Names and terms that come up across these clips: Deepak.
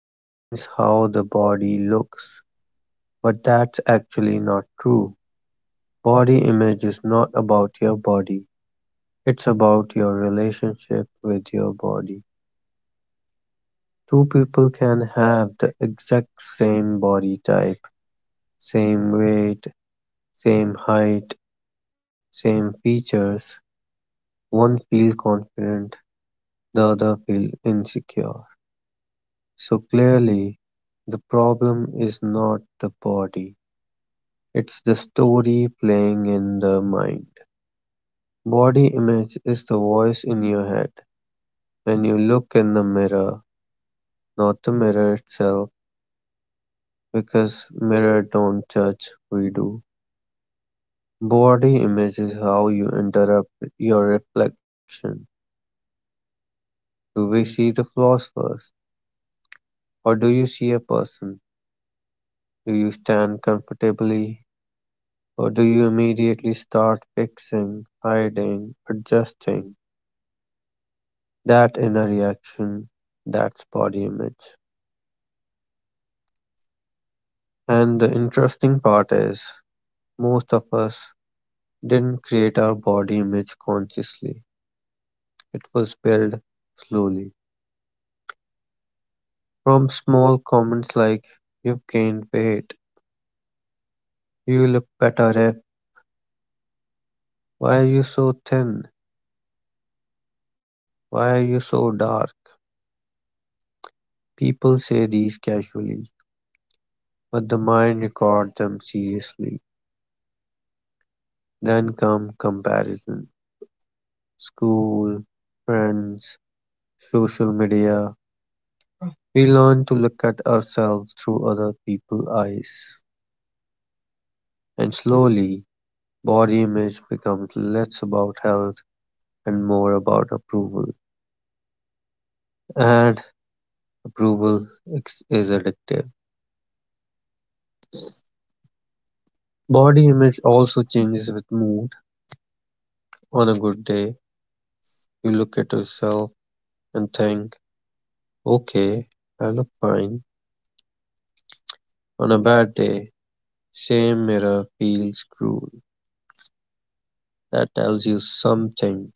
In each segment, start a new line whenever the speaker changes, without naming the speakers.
it means how the body looks, but that's actually not true. Body image is not about your body, it's about your relationship with your body. Two people can have the exact same body type, same weight, same height, same features. One feels confident, the other feels insecure. So clearly, the problem is not the body. It's the story playing in the mind. Body image is the voice in your head. When you look in the mirror, not the mirror itself, because mirror don't judge, we do. Body image is how you interrupt your reflection. Do we see the flaws first? Or do you see a person? Do you stand comfortably? Or do you immediately start fixing, hiding, adjusting? That inner reaction, that's body image. And the interesting part is, most of us didn't create our body image consciously. It was built slowly, from small comments like "You've gained weight," "You look better-if," "Why are you so thin," "Why are you so dark." People say these casually, but the mind records them seriously. Then come comparison: school, friends, social media. We learn to look at ourselves through other people's eyes. And slowly, body image becomes less about health and more about approval. And approval is addictive. Body image also changes with mood. On a good day, you look at yourself and think, okay, I look fine. On a bad day, same mirror feels cruel. That tells you something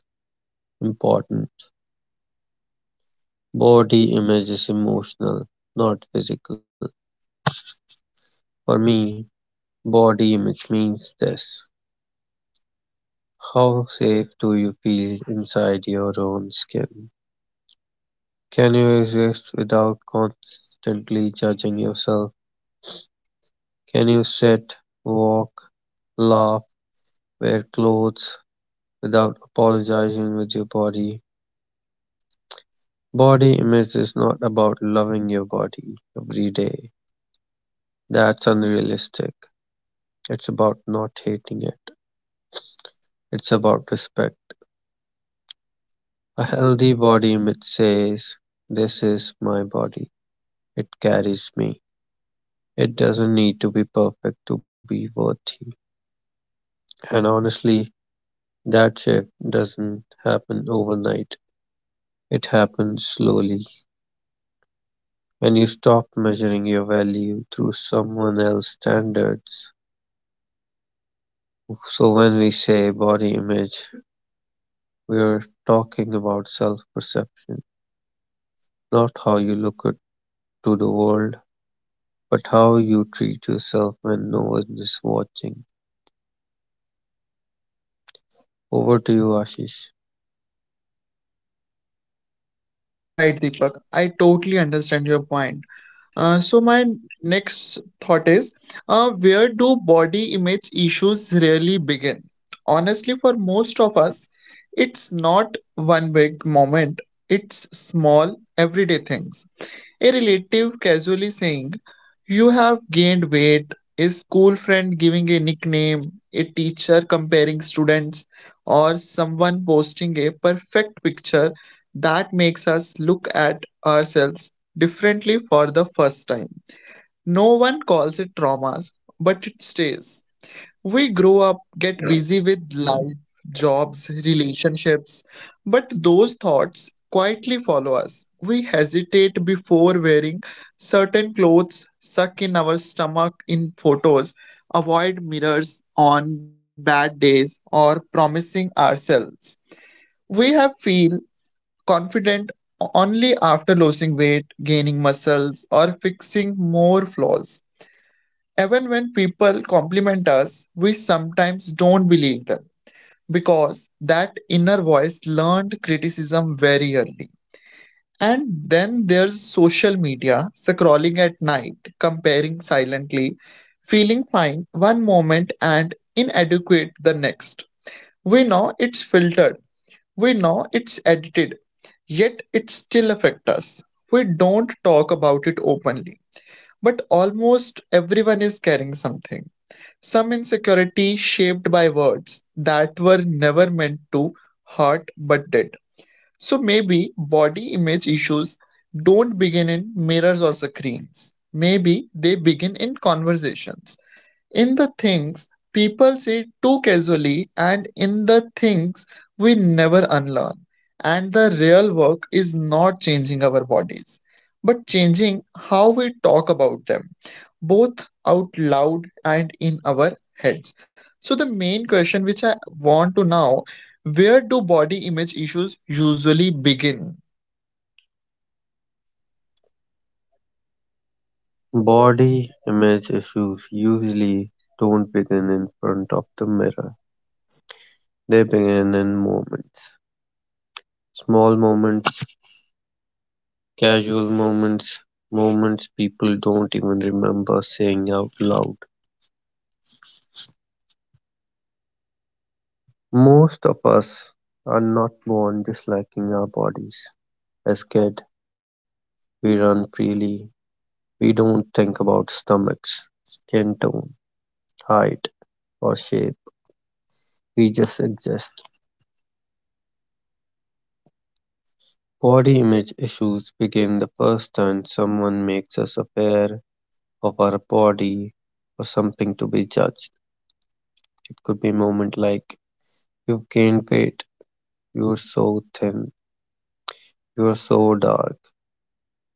important. Body image is emotional, not physical. For me, body image means this. How safe do you feel inside your own skin? Can you exist without constantly judging yourself? Can you sit, walk, laugh, wear clothes without apologizing with your body? Body image is not about loving your body every day. That's unrealistic. It's about not hating it. It's about respect. A healthy body image says, this is my body. It carries me. It doesn't need to be perfect to be worthy. And honestly, that shift doesn't happen overnight, it happens slowly, when you stop measuring your value through someone else's standards. So, when we say body image, we're talking about self perception, not how you look at, to the world, but how you treat yourself when no one is watching. Over to you, Ashish.
Right, Deepak, I totally understand your point. So my next thought is, where do body image issues really begin? Honestly, for most of us, it's not one big moment. It's small everyday things. A relative casually saying, you have gained weight, a school friend giving a nickname, a teacher comparing students, or someone posting a perfect picture that makes us look at ourselves differently for the first time. No one calls it traumas, but it stays. We grow up, get busy with life, jobs, relationships, but those thoughts quietly follow us. We hesitate before wearing certain clothes, suck in our stomach in photos, avoid mirrors on bad days, or promising ourselves. We have feel confident only after losing weight, gaining muscles, or fixing more flaws. Even when people compliment us, we sometimes don't believe them because that inner voice learned criticism very early. And then there's social media, scrolling at night, comparing silently, feeling fine one moment and inadequate the next. We know it's filtered, we know it's edited, yet it still affects us. We don't talk about it openly, but almost everyone is carrying something, some insecurity shaped by words that were never meant to hurt but did. So maybe body image issues don't begin in mirrors or screens. Maybe they begin in conversations, in the things people say too casually, and in the things we never unlearn. And the real work is not changing our bodies, but changing how we talk about them, both out loud and in our heads. So, the main question which I want to now, where do body image issues usually begin?
Body image issues usually don't begin in front of the mirror, they begin in moments. Small moments, casual moments, moments people don't even remember saying out loud. Most of us are not born disliking our bodies. As kids, we run freely. We don't think about stomachs, skin tone, height, or shape. We just exist. Body image issues became the first time someone makes us aware of our body or something to be judged. It could be a moment like you've gained weight, you're so thin. You're so dark.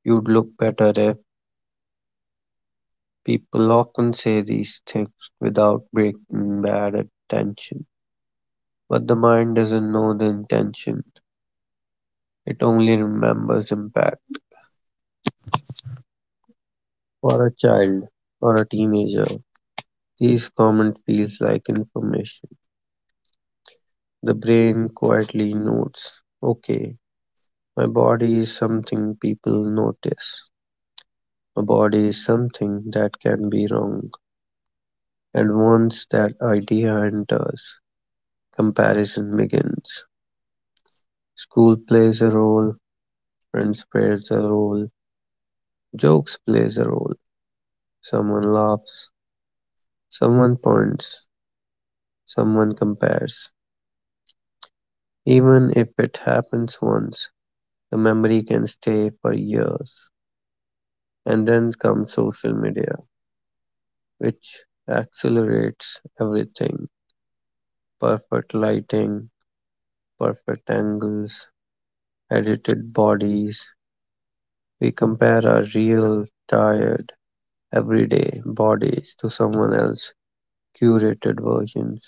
You'd look better if people often say these things without breaking bad intention. But the mind doesn't know the intention. It only remembers impact. For a child or a teenager, these comment feels like information. The brain quietly notes, okay, my body is something people notice. My body is something that can be wrong. And once that idea enters, comparison begins: school plays a role, friends plays a role, jokes plays a role, someone laughs, someone points, someone compares. Even if it happens once, the memory can stay for years. And then comes social media, which accelerates everything. Perfect lighting, perfect angles, edited bodies. We compare our real, tired, everyday bodies to someone else's curated versions.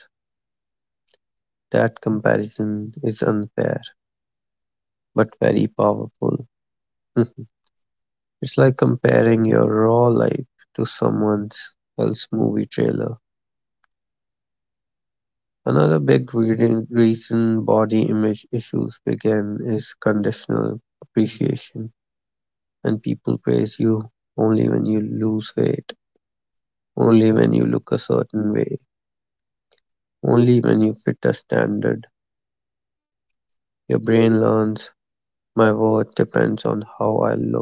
That comparison is unfair but very powerful. It's like comparing your raw life to someone else's movie trailer. Another big reason body image issues begin is conditional appreciation, and people praise you only when you lose weight, only when you look a certain way, only when you fit a standard. Your brain learns my worth depends on how I look,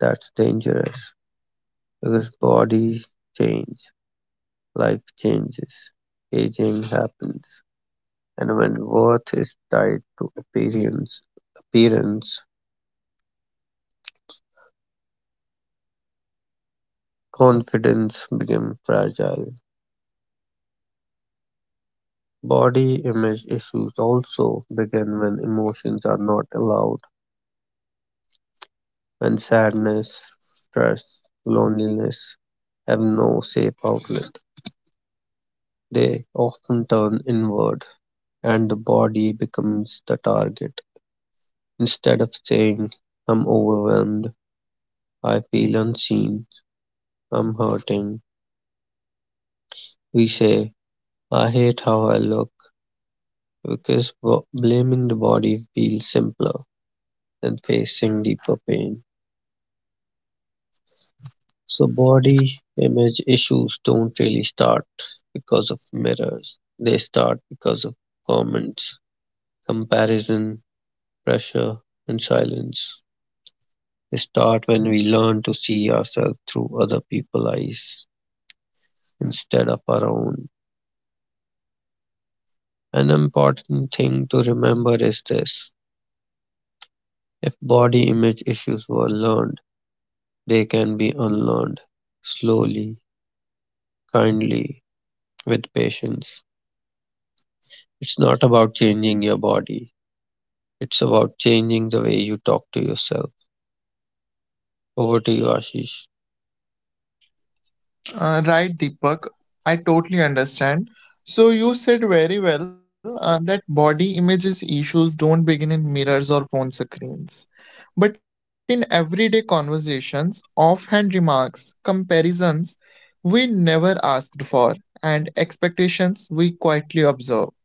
that's dangerous, because bodies change, life changes, aging happens, and when worth is tied to appearance, appearance, confidence becomes fragile. Body image issues also begin when emotions are not allowed, when sadness, stress, loneliness have no safe outlet. They often turn inward and the body becomes the target. Instead of saying, I'm overwhelmed, I feel unseen, I'm hurting, we say, I hate how I look, because blaming the body feels simpler than facing deeper pain. So, body image issues don't really start because of mirrors, they start because of comments, comparison, pressure, and silence. Start when we learn to see ourselves through other people's eyes instead of our own. An important thing to remember is this: if body image issues were learned, they can be unlearned slowly, kindly, with patience. It's not about changing your body, it's about changing the way you talk to yourself. Over to you, Ashish.
Right, Deepak. I totally understand. So you said very well, that body images issues don't begin in mirrors or phone screens, but in everyday conversations, offhand remarks, comparisons we never asked for, and expectations we quietly observe.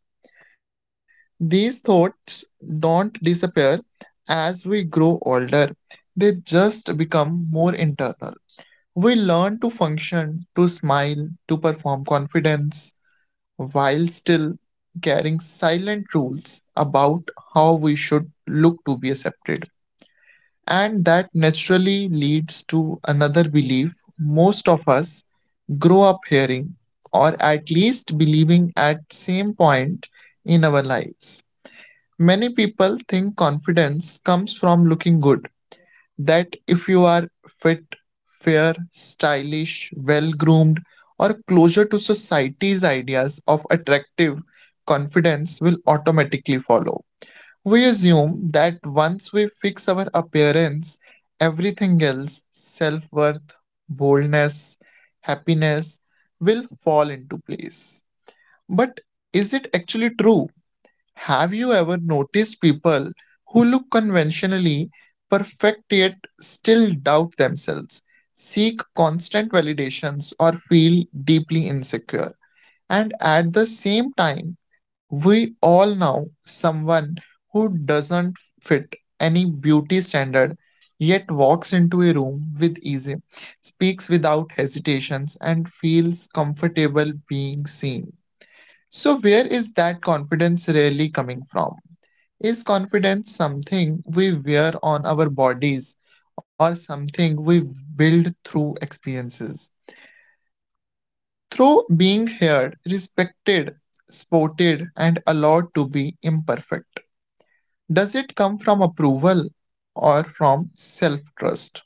These thoughts don't disappear as we grow older; they just become more internal. We learn to function, to smile, to perform confidence, while still carrying silent rules about how we should look to be accepted. And that naturally leads to another belief most of us grow up hearing, or at least believing at same point in our lives. Many people think confidence comes from looking good, that if you are fit, fair, stylish, well groomed, or closer to society's ideas of attractive, confidence will automatically follow. We assume that once we fix our appearance, everything else, self worth, boldness, happiness, will fall into place. But is it actually true? Have you ever noticed people who look conventionally perfect yet still doubt themselves, seek constant validations, or feel deeply insecure? And at the same time, we all know someone who doesn't fit any beauty standard yet walks into a room with ease, speaks without hesitations, and feels comfortable being seen. So, where is that confidence really coming from? Is confidence something we wear on our bodies or something we build through experiences? Through being heard, respected, supported, and allowed to be imperfect? Does it come from approval or from self trust?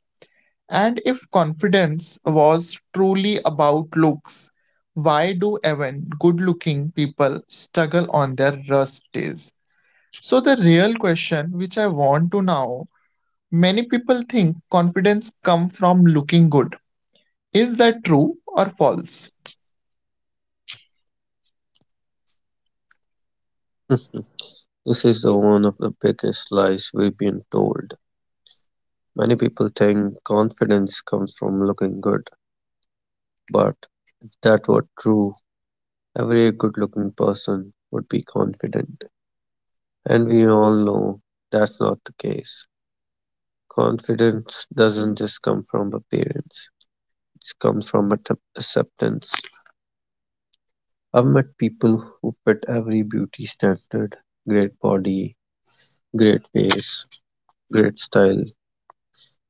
And if confidence was truly about looks, why do even good looking people struggle on their worst days? So the real question which I want to know, many people think confidence come from looking good. Is that true or false?
This is the one of the biggest lies we've been told. Many people think confidence comes from looking good, but if that were true, every good-looking person would be confident. And we all know that's not the case. Confidence doesn't just come from appearance, it comes from acceptance. I've met people who fit every beauty standard, great body, great face, great style,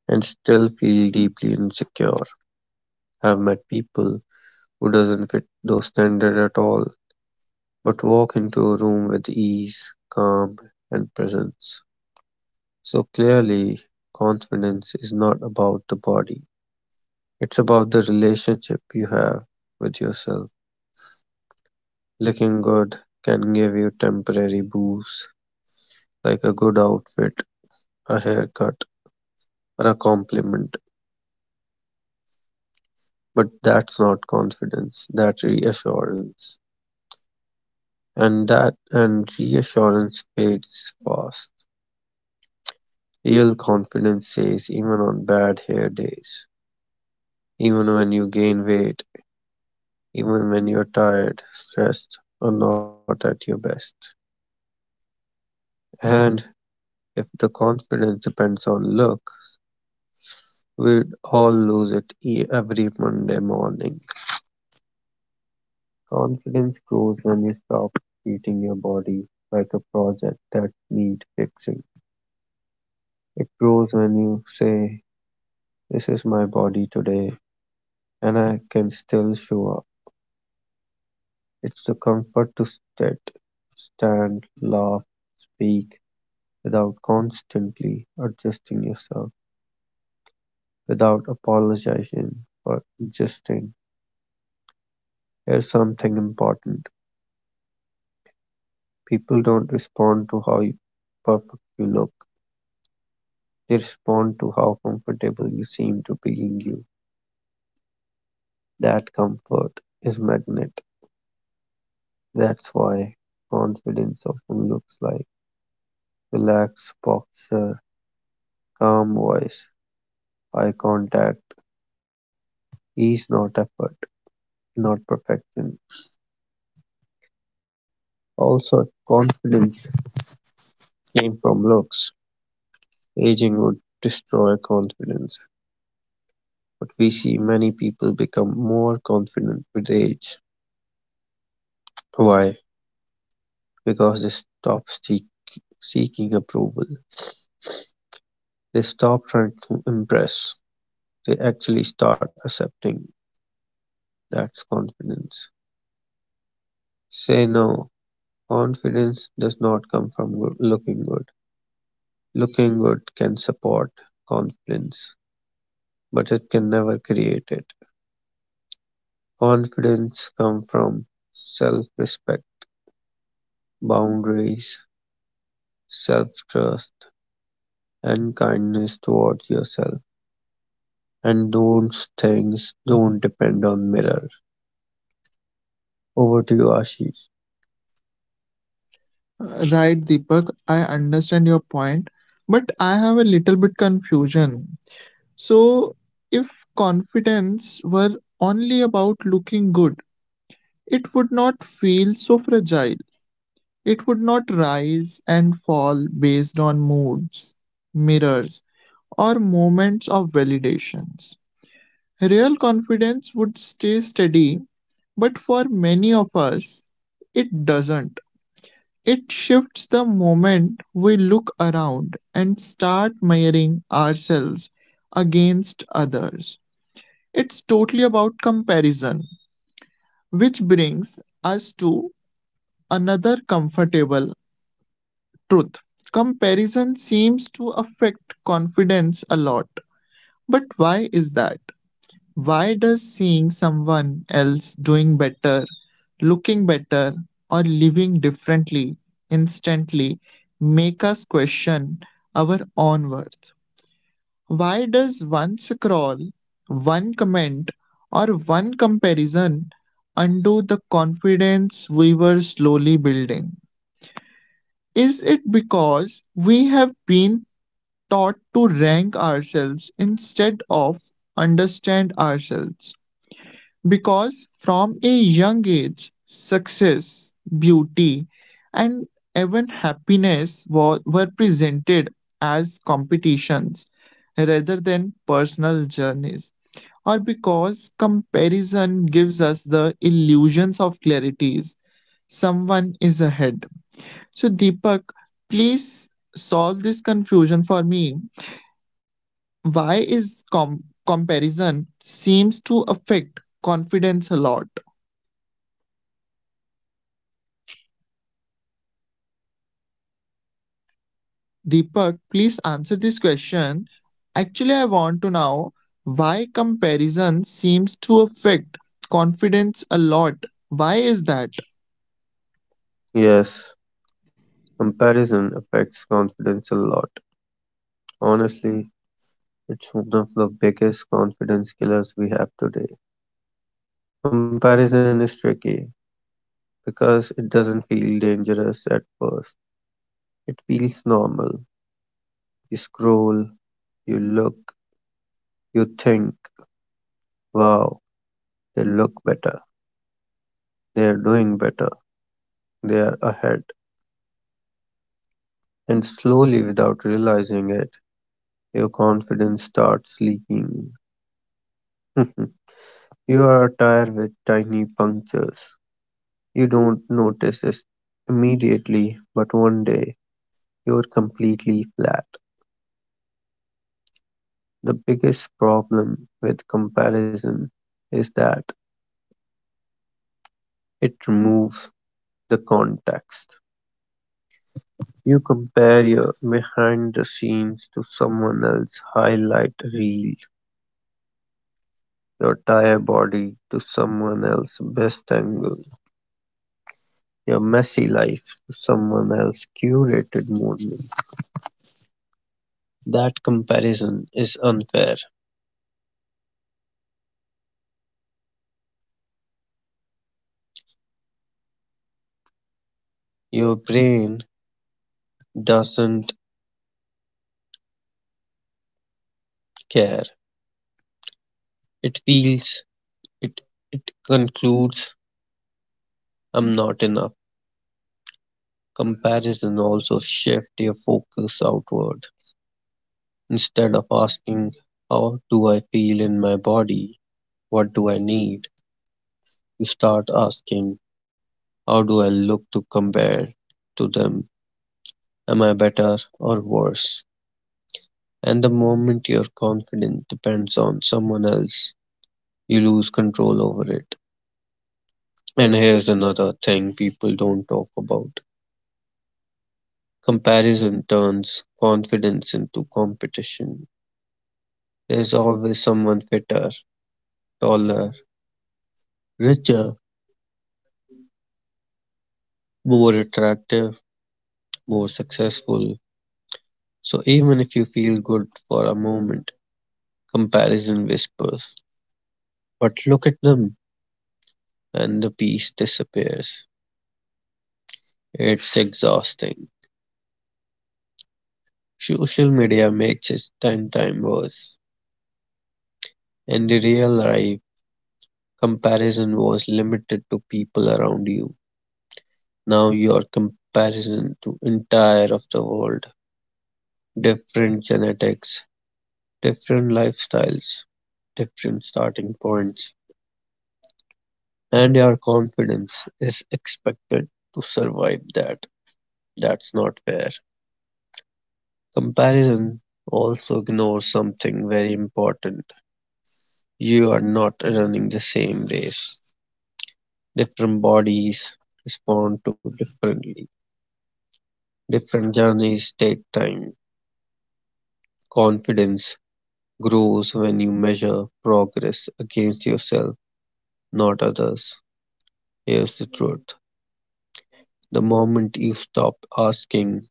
and still feel deeply insecure. I've met people who doesn't fit those standards at all but walk into a room with ease, calm, and presence. So clearly, confidence is not about the body, it's about the relationship you have with yourself. Looking good can give you temporary boost, like a good outfit, a haircut, or a compliment, but that's not confidence, that's reassurance. And that and reassurance fades fast. Real confidence stays even on bad hair days. Even when you gain weight, even when you're tired, stressed, or not at your best. And if the confidence depends on look, we'd all lose it every Monday morning. Confidence grows when you stop treating your body like a project that needs fixing. It grows when you say, this is my body today, and I can still show up. It's the comfort to sit, stand, laugh, speak, without constantly adjusting yourself, without apologizing for existing. Here's something important: people don't respond to perfect you look, they respond to how comfortable you seem to being you. That comfort is magnet. That's why confidence often looks like relaxed posture, calm voice, eye contact, ease, not effort, not perfection. Also, confidence came from looks, aging would destroy confidence, but we see many people become more confident with age. Why? Because they stop seeking approval. They stop trying to impress. They actually start accepting. That's confidence. Say no. Confidence does not come from good, looking good. Looking good can support confidence, but it can never create it. Confidence comes from self respect, boundaries, self-trust, and kindness towards yourself. And those things don't depend on mirror. Over to you, Ashish.
Right, Deepak, I understand your point, but I have a little bit confusion. So, if confidence were only about looking good, it would not feel so fragile. It would not rise and fall based on moods, mirrors, or moments of validations. Real confidence would stay steady, but for many of us, it doesn't. It shifts the moment we look around and start measuring ourselves against others. It's totally about comparison, which brings us to another comfortable truth. Comparison seems to affect confidence a lot. But why is that? Why does seeing someone else doing better, looking better, or living differently instantly make us question our own worth? Why does one scroll, one comment, or one comparison undo the confidence we were slowly building? Is it because we have been taught to rank ourselves instead of understand ourselves? Because from a young age, success, beauty, and even happiness were presented as competitions rather than personal journeys, or because comparison gives us the illusions of clarities. Someone is ahead. So, Deepak, please solve this confusion for me. Why is comparison seems to affect confidence a lot? Deepak, please answer this question. Actually, I want to know why comparison seems to affect confidence a lot. Why is that?
Yes, comparison affects confidence a lot. Honestly, it's one of the biggest confidence killers we have today. Comparison is tricky because it doesn't feel dangerous at first. It feels normal. You scroll, you look, you think, wow, they look better, they are doing better, they are ahead. And slowly, without realizing it, your confidence starts leaking. You are a tire with tiny punctures. You don't notice it immediately, but one day you're completely flat. The biggest problem with comparison is that it removes the context. You compare your behind the scenes to someone else's highlight reel, your tire body to someone else's best angle, your messy life to someone else's curated morning. That comparison is unfair. Your brain doesn't care. It feels it concludes I'm not enough. Comparison also shifts your focus outward. Instead of asking how do I feel in my body? What do I need? You start asking how do I look to compare to them? Am I better or worse? And the moment your confidence depends on someone else, you lose control over it. And here's another thing people don't talk about: comparison turns confidence into competition. There's always someone fitter, taller, richer, more attractive, more successful. So even if you feel good for a moment, comparison whispers, but look at them, and the peace disappears. It's exhausting. Social media makes it ten times worse, and the real life, comparison was limited to people around you. Now you're comparison to entire of the world, different genetics, different lifestyles, different starting points, and your confidence is expected to survive that. That's not fair. Comparison also ignores something very important. You are not running the same race. Different bodies respond to differently. Different journeys take time. Confidence grows when you measure progress against yourself, not others. Here's the truth: the moment you stop asking,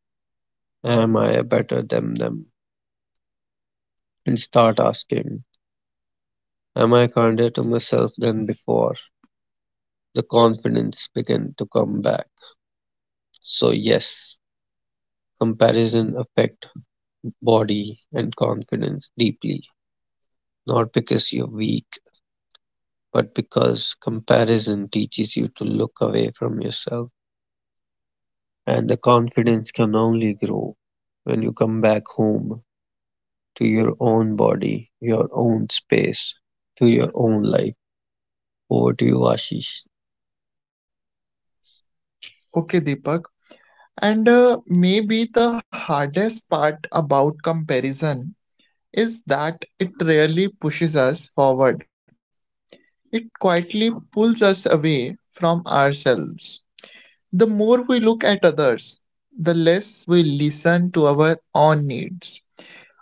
am I better than them? And start asking, am I kinder to myself than before? The confidence begins to come back. So, yes, comparison affect body and confidence deeply, not because you're weak, but because comparison teaches you to look away from yourself. And the confidence can only grow when you come back home to your own body, your own space, to your own life. Over to you, Ashish.
Okay, Deepak. And maybe the hardest part about comparison is that it rarely pushes us forward. It quietly pulls us away from ourselves. The more we look at others, the less we listen to our own needs,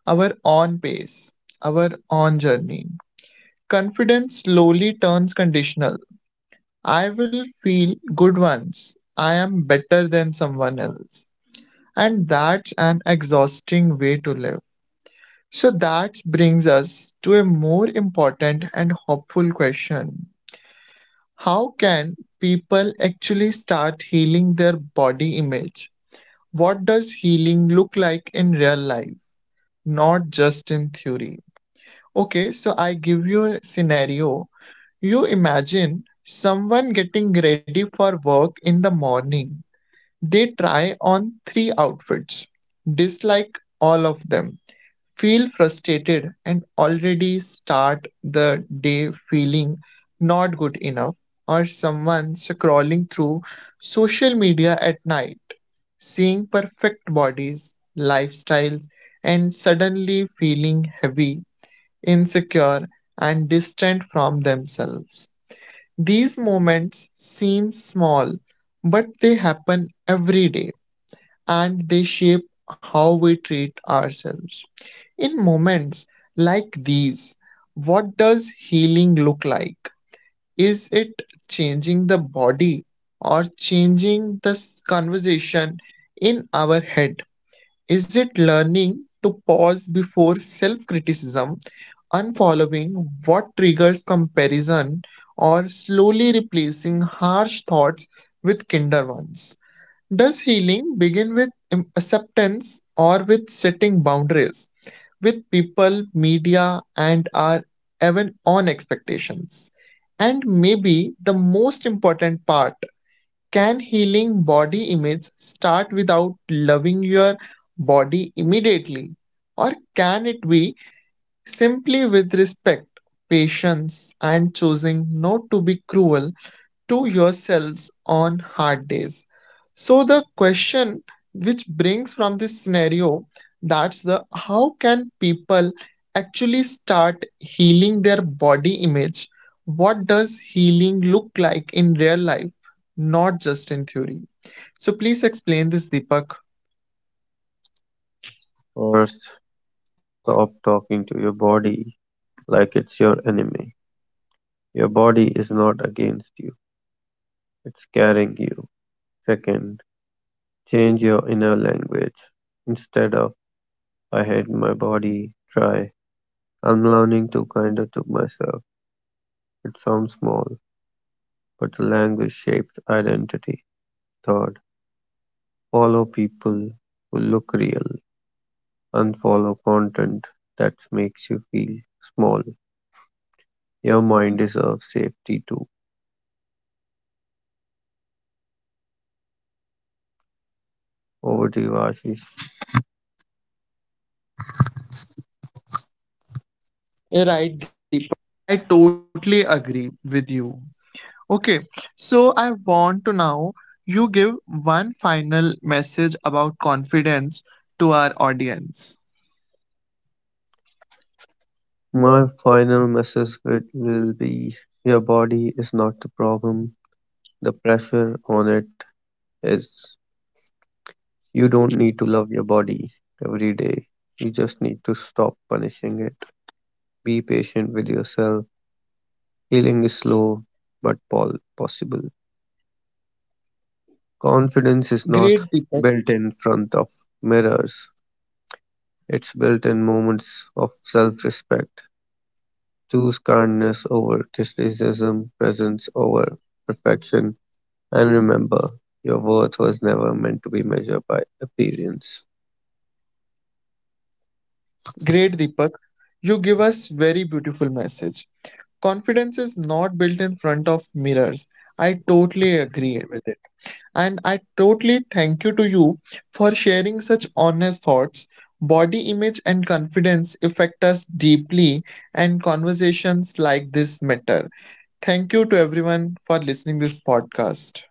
our own pace, our own journey. Confidence slowly turns conditional. I will feel good once I am better than someone else. And that's an exhausting way to live. So that brings us to a more important and hopeful question. How can people actually start healing their body image? What does healing look like in real life, not just in theory? Okay, so I give you a scenario. You imagine someone getting ready for work in the morning. They try on three outfits, dislike all of them, feel frustrated, and already start the day feeling not good enough, or someone scrolling through social media at night, seeing perfect bodies, lifestyles, and suddenly feeling heavy, insecure, and distant from themselves. These moments seem small, but they happen every day, and they shape how we treat ourselves. In moments like these, what does healing look like? Is it changing the body or changing this conversation in our head? Is it learning to pause before self criticism, unfollowing what triggers comparison, or slowly replacing harsh thoughts with kinder ones? Does healing begin with acceptance, or with setting boundaries with people, media, and our even own expectations? And maybe the most important part, can healing body image start without loving your body immediately? Or can it be simply with respect, patience, and choosing not to be cruel to yourselves on hard days? So the question which brings from this scenario, that's the how can people actually start healing their body image? What does healing look like in real life, not just in theory? So please explain this, Deepak.
First, stop talking to your body like it's your enemy. Your body is not against you, it's carrying you. Second, change your inner language. Instead of, I hate my body, try, I'm learning to kinder to myself. It sounds small, but the language shapes identity. Third, follow people who look real. Unfollow content that makes you feel small. Your mind deserves safety too. Over to you, Ashish.
Right, Deepak. I totally agree with you. Okay, so I want to now you give one final message about confidence to our audience.
My final message will be your body is not the problem. The pressure on it is you don't need to love your body every day. You just need to stop punishing it. Be patient with yourself. Healing is slow but possible. Confidence is
Great
not
Deepak,
built in front of mirrors, it's built in moments of self respect. Choose kindness over criticism, presence over perfection, and remember your worth was never meant to be measured by appearance.
great Deepak. You give us very beautiful message. Confidence is not built in front of mirrors. I totally agree with it. And I totally thank you to you for sharing such honest thoughts. Body image and confidence affect us deeply, and conversations like this matter. Thank you to everyone for listening this podcast.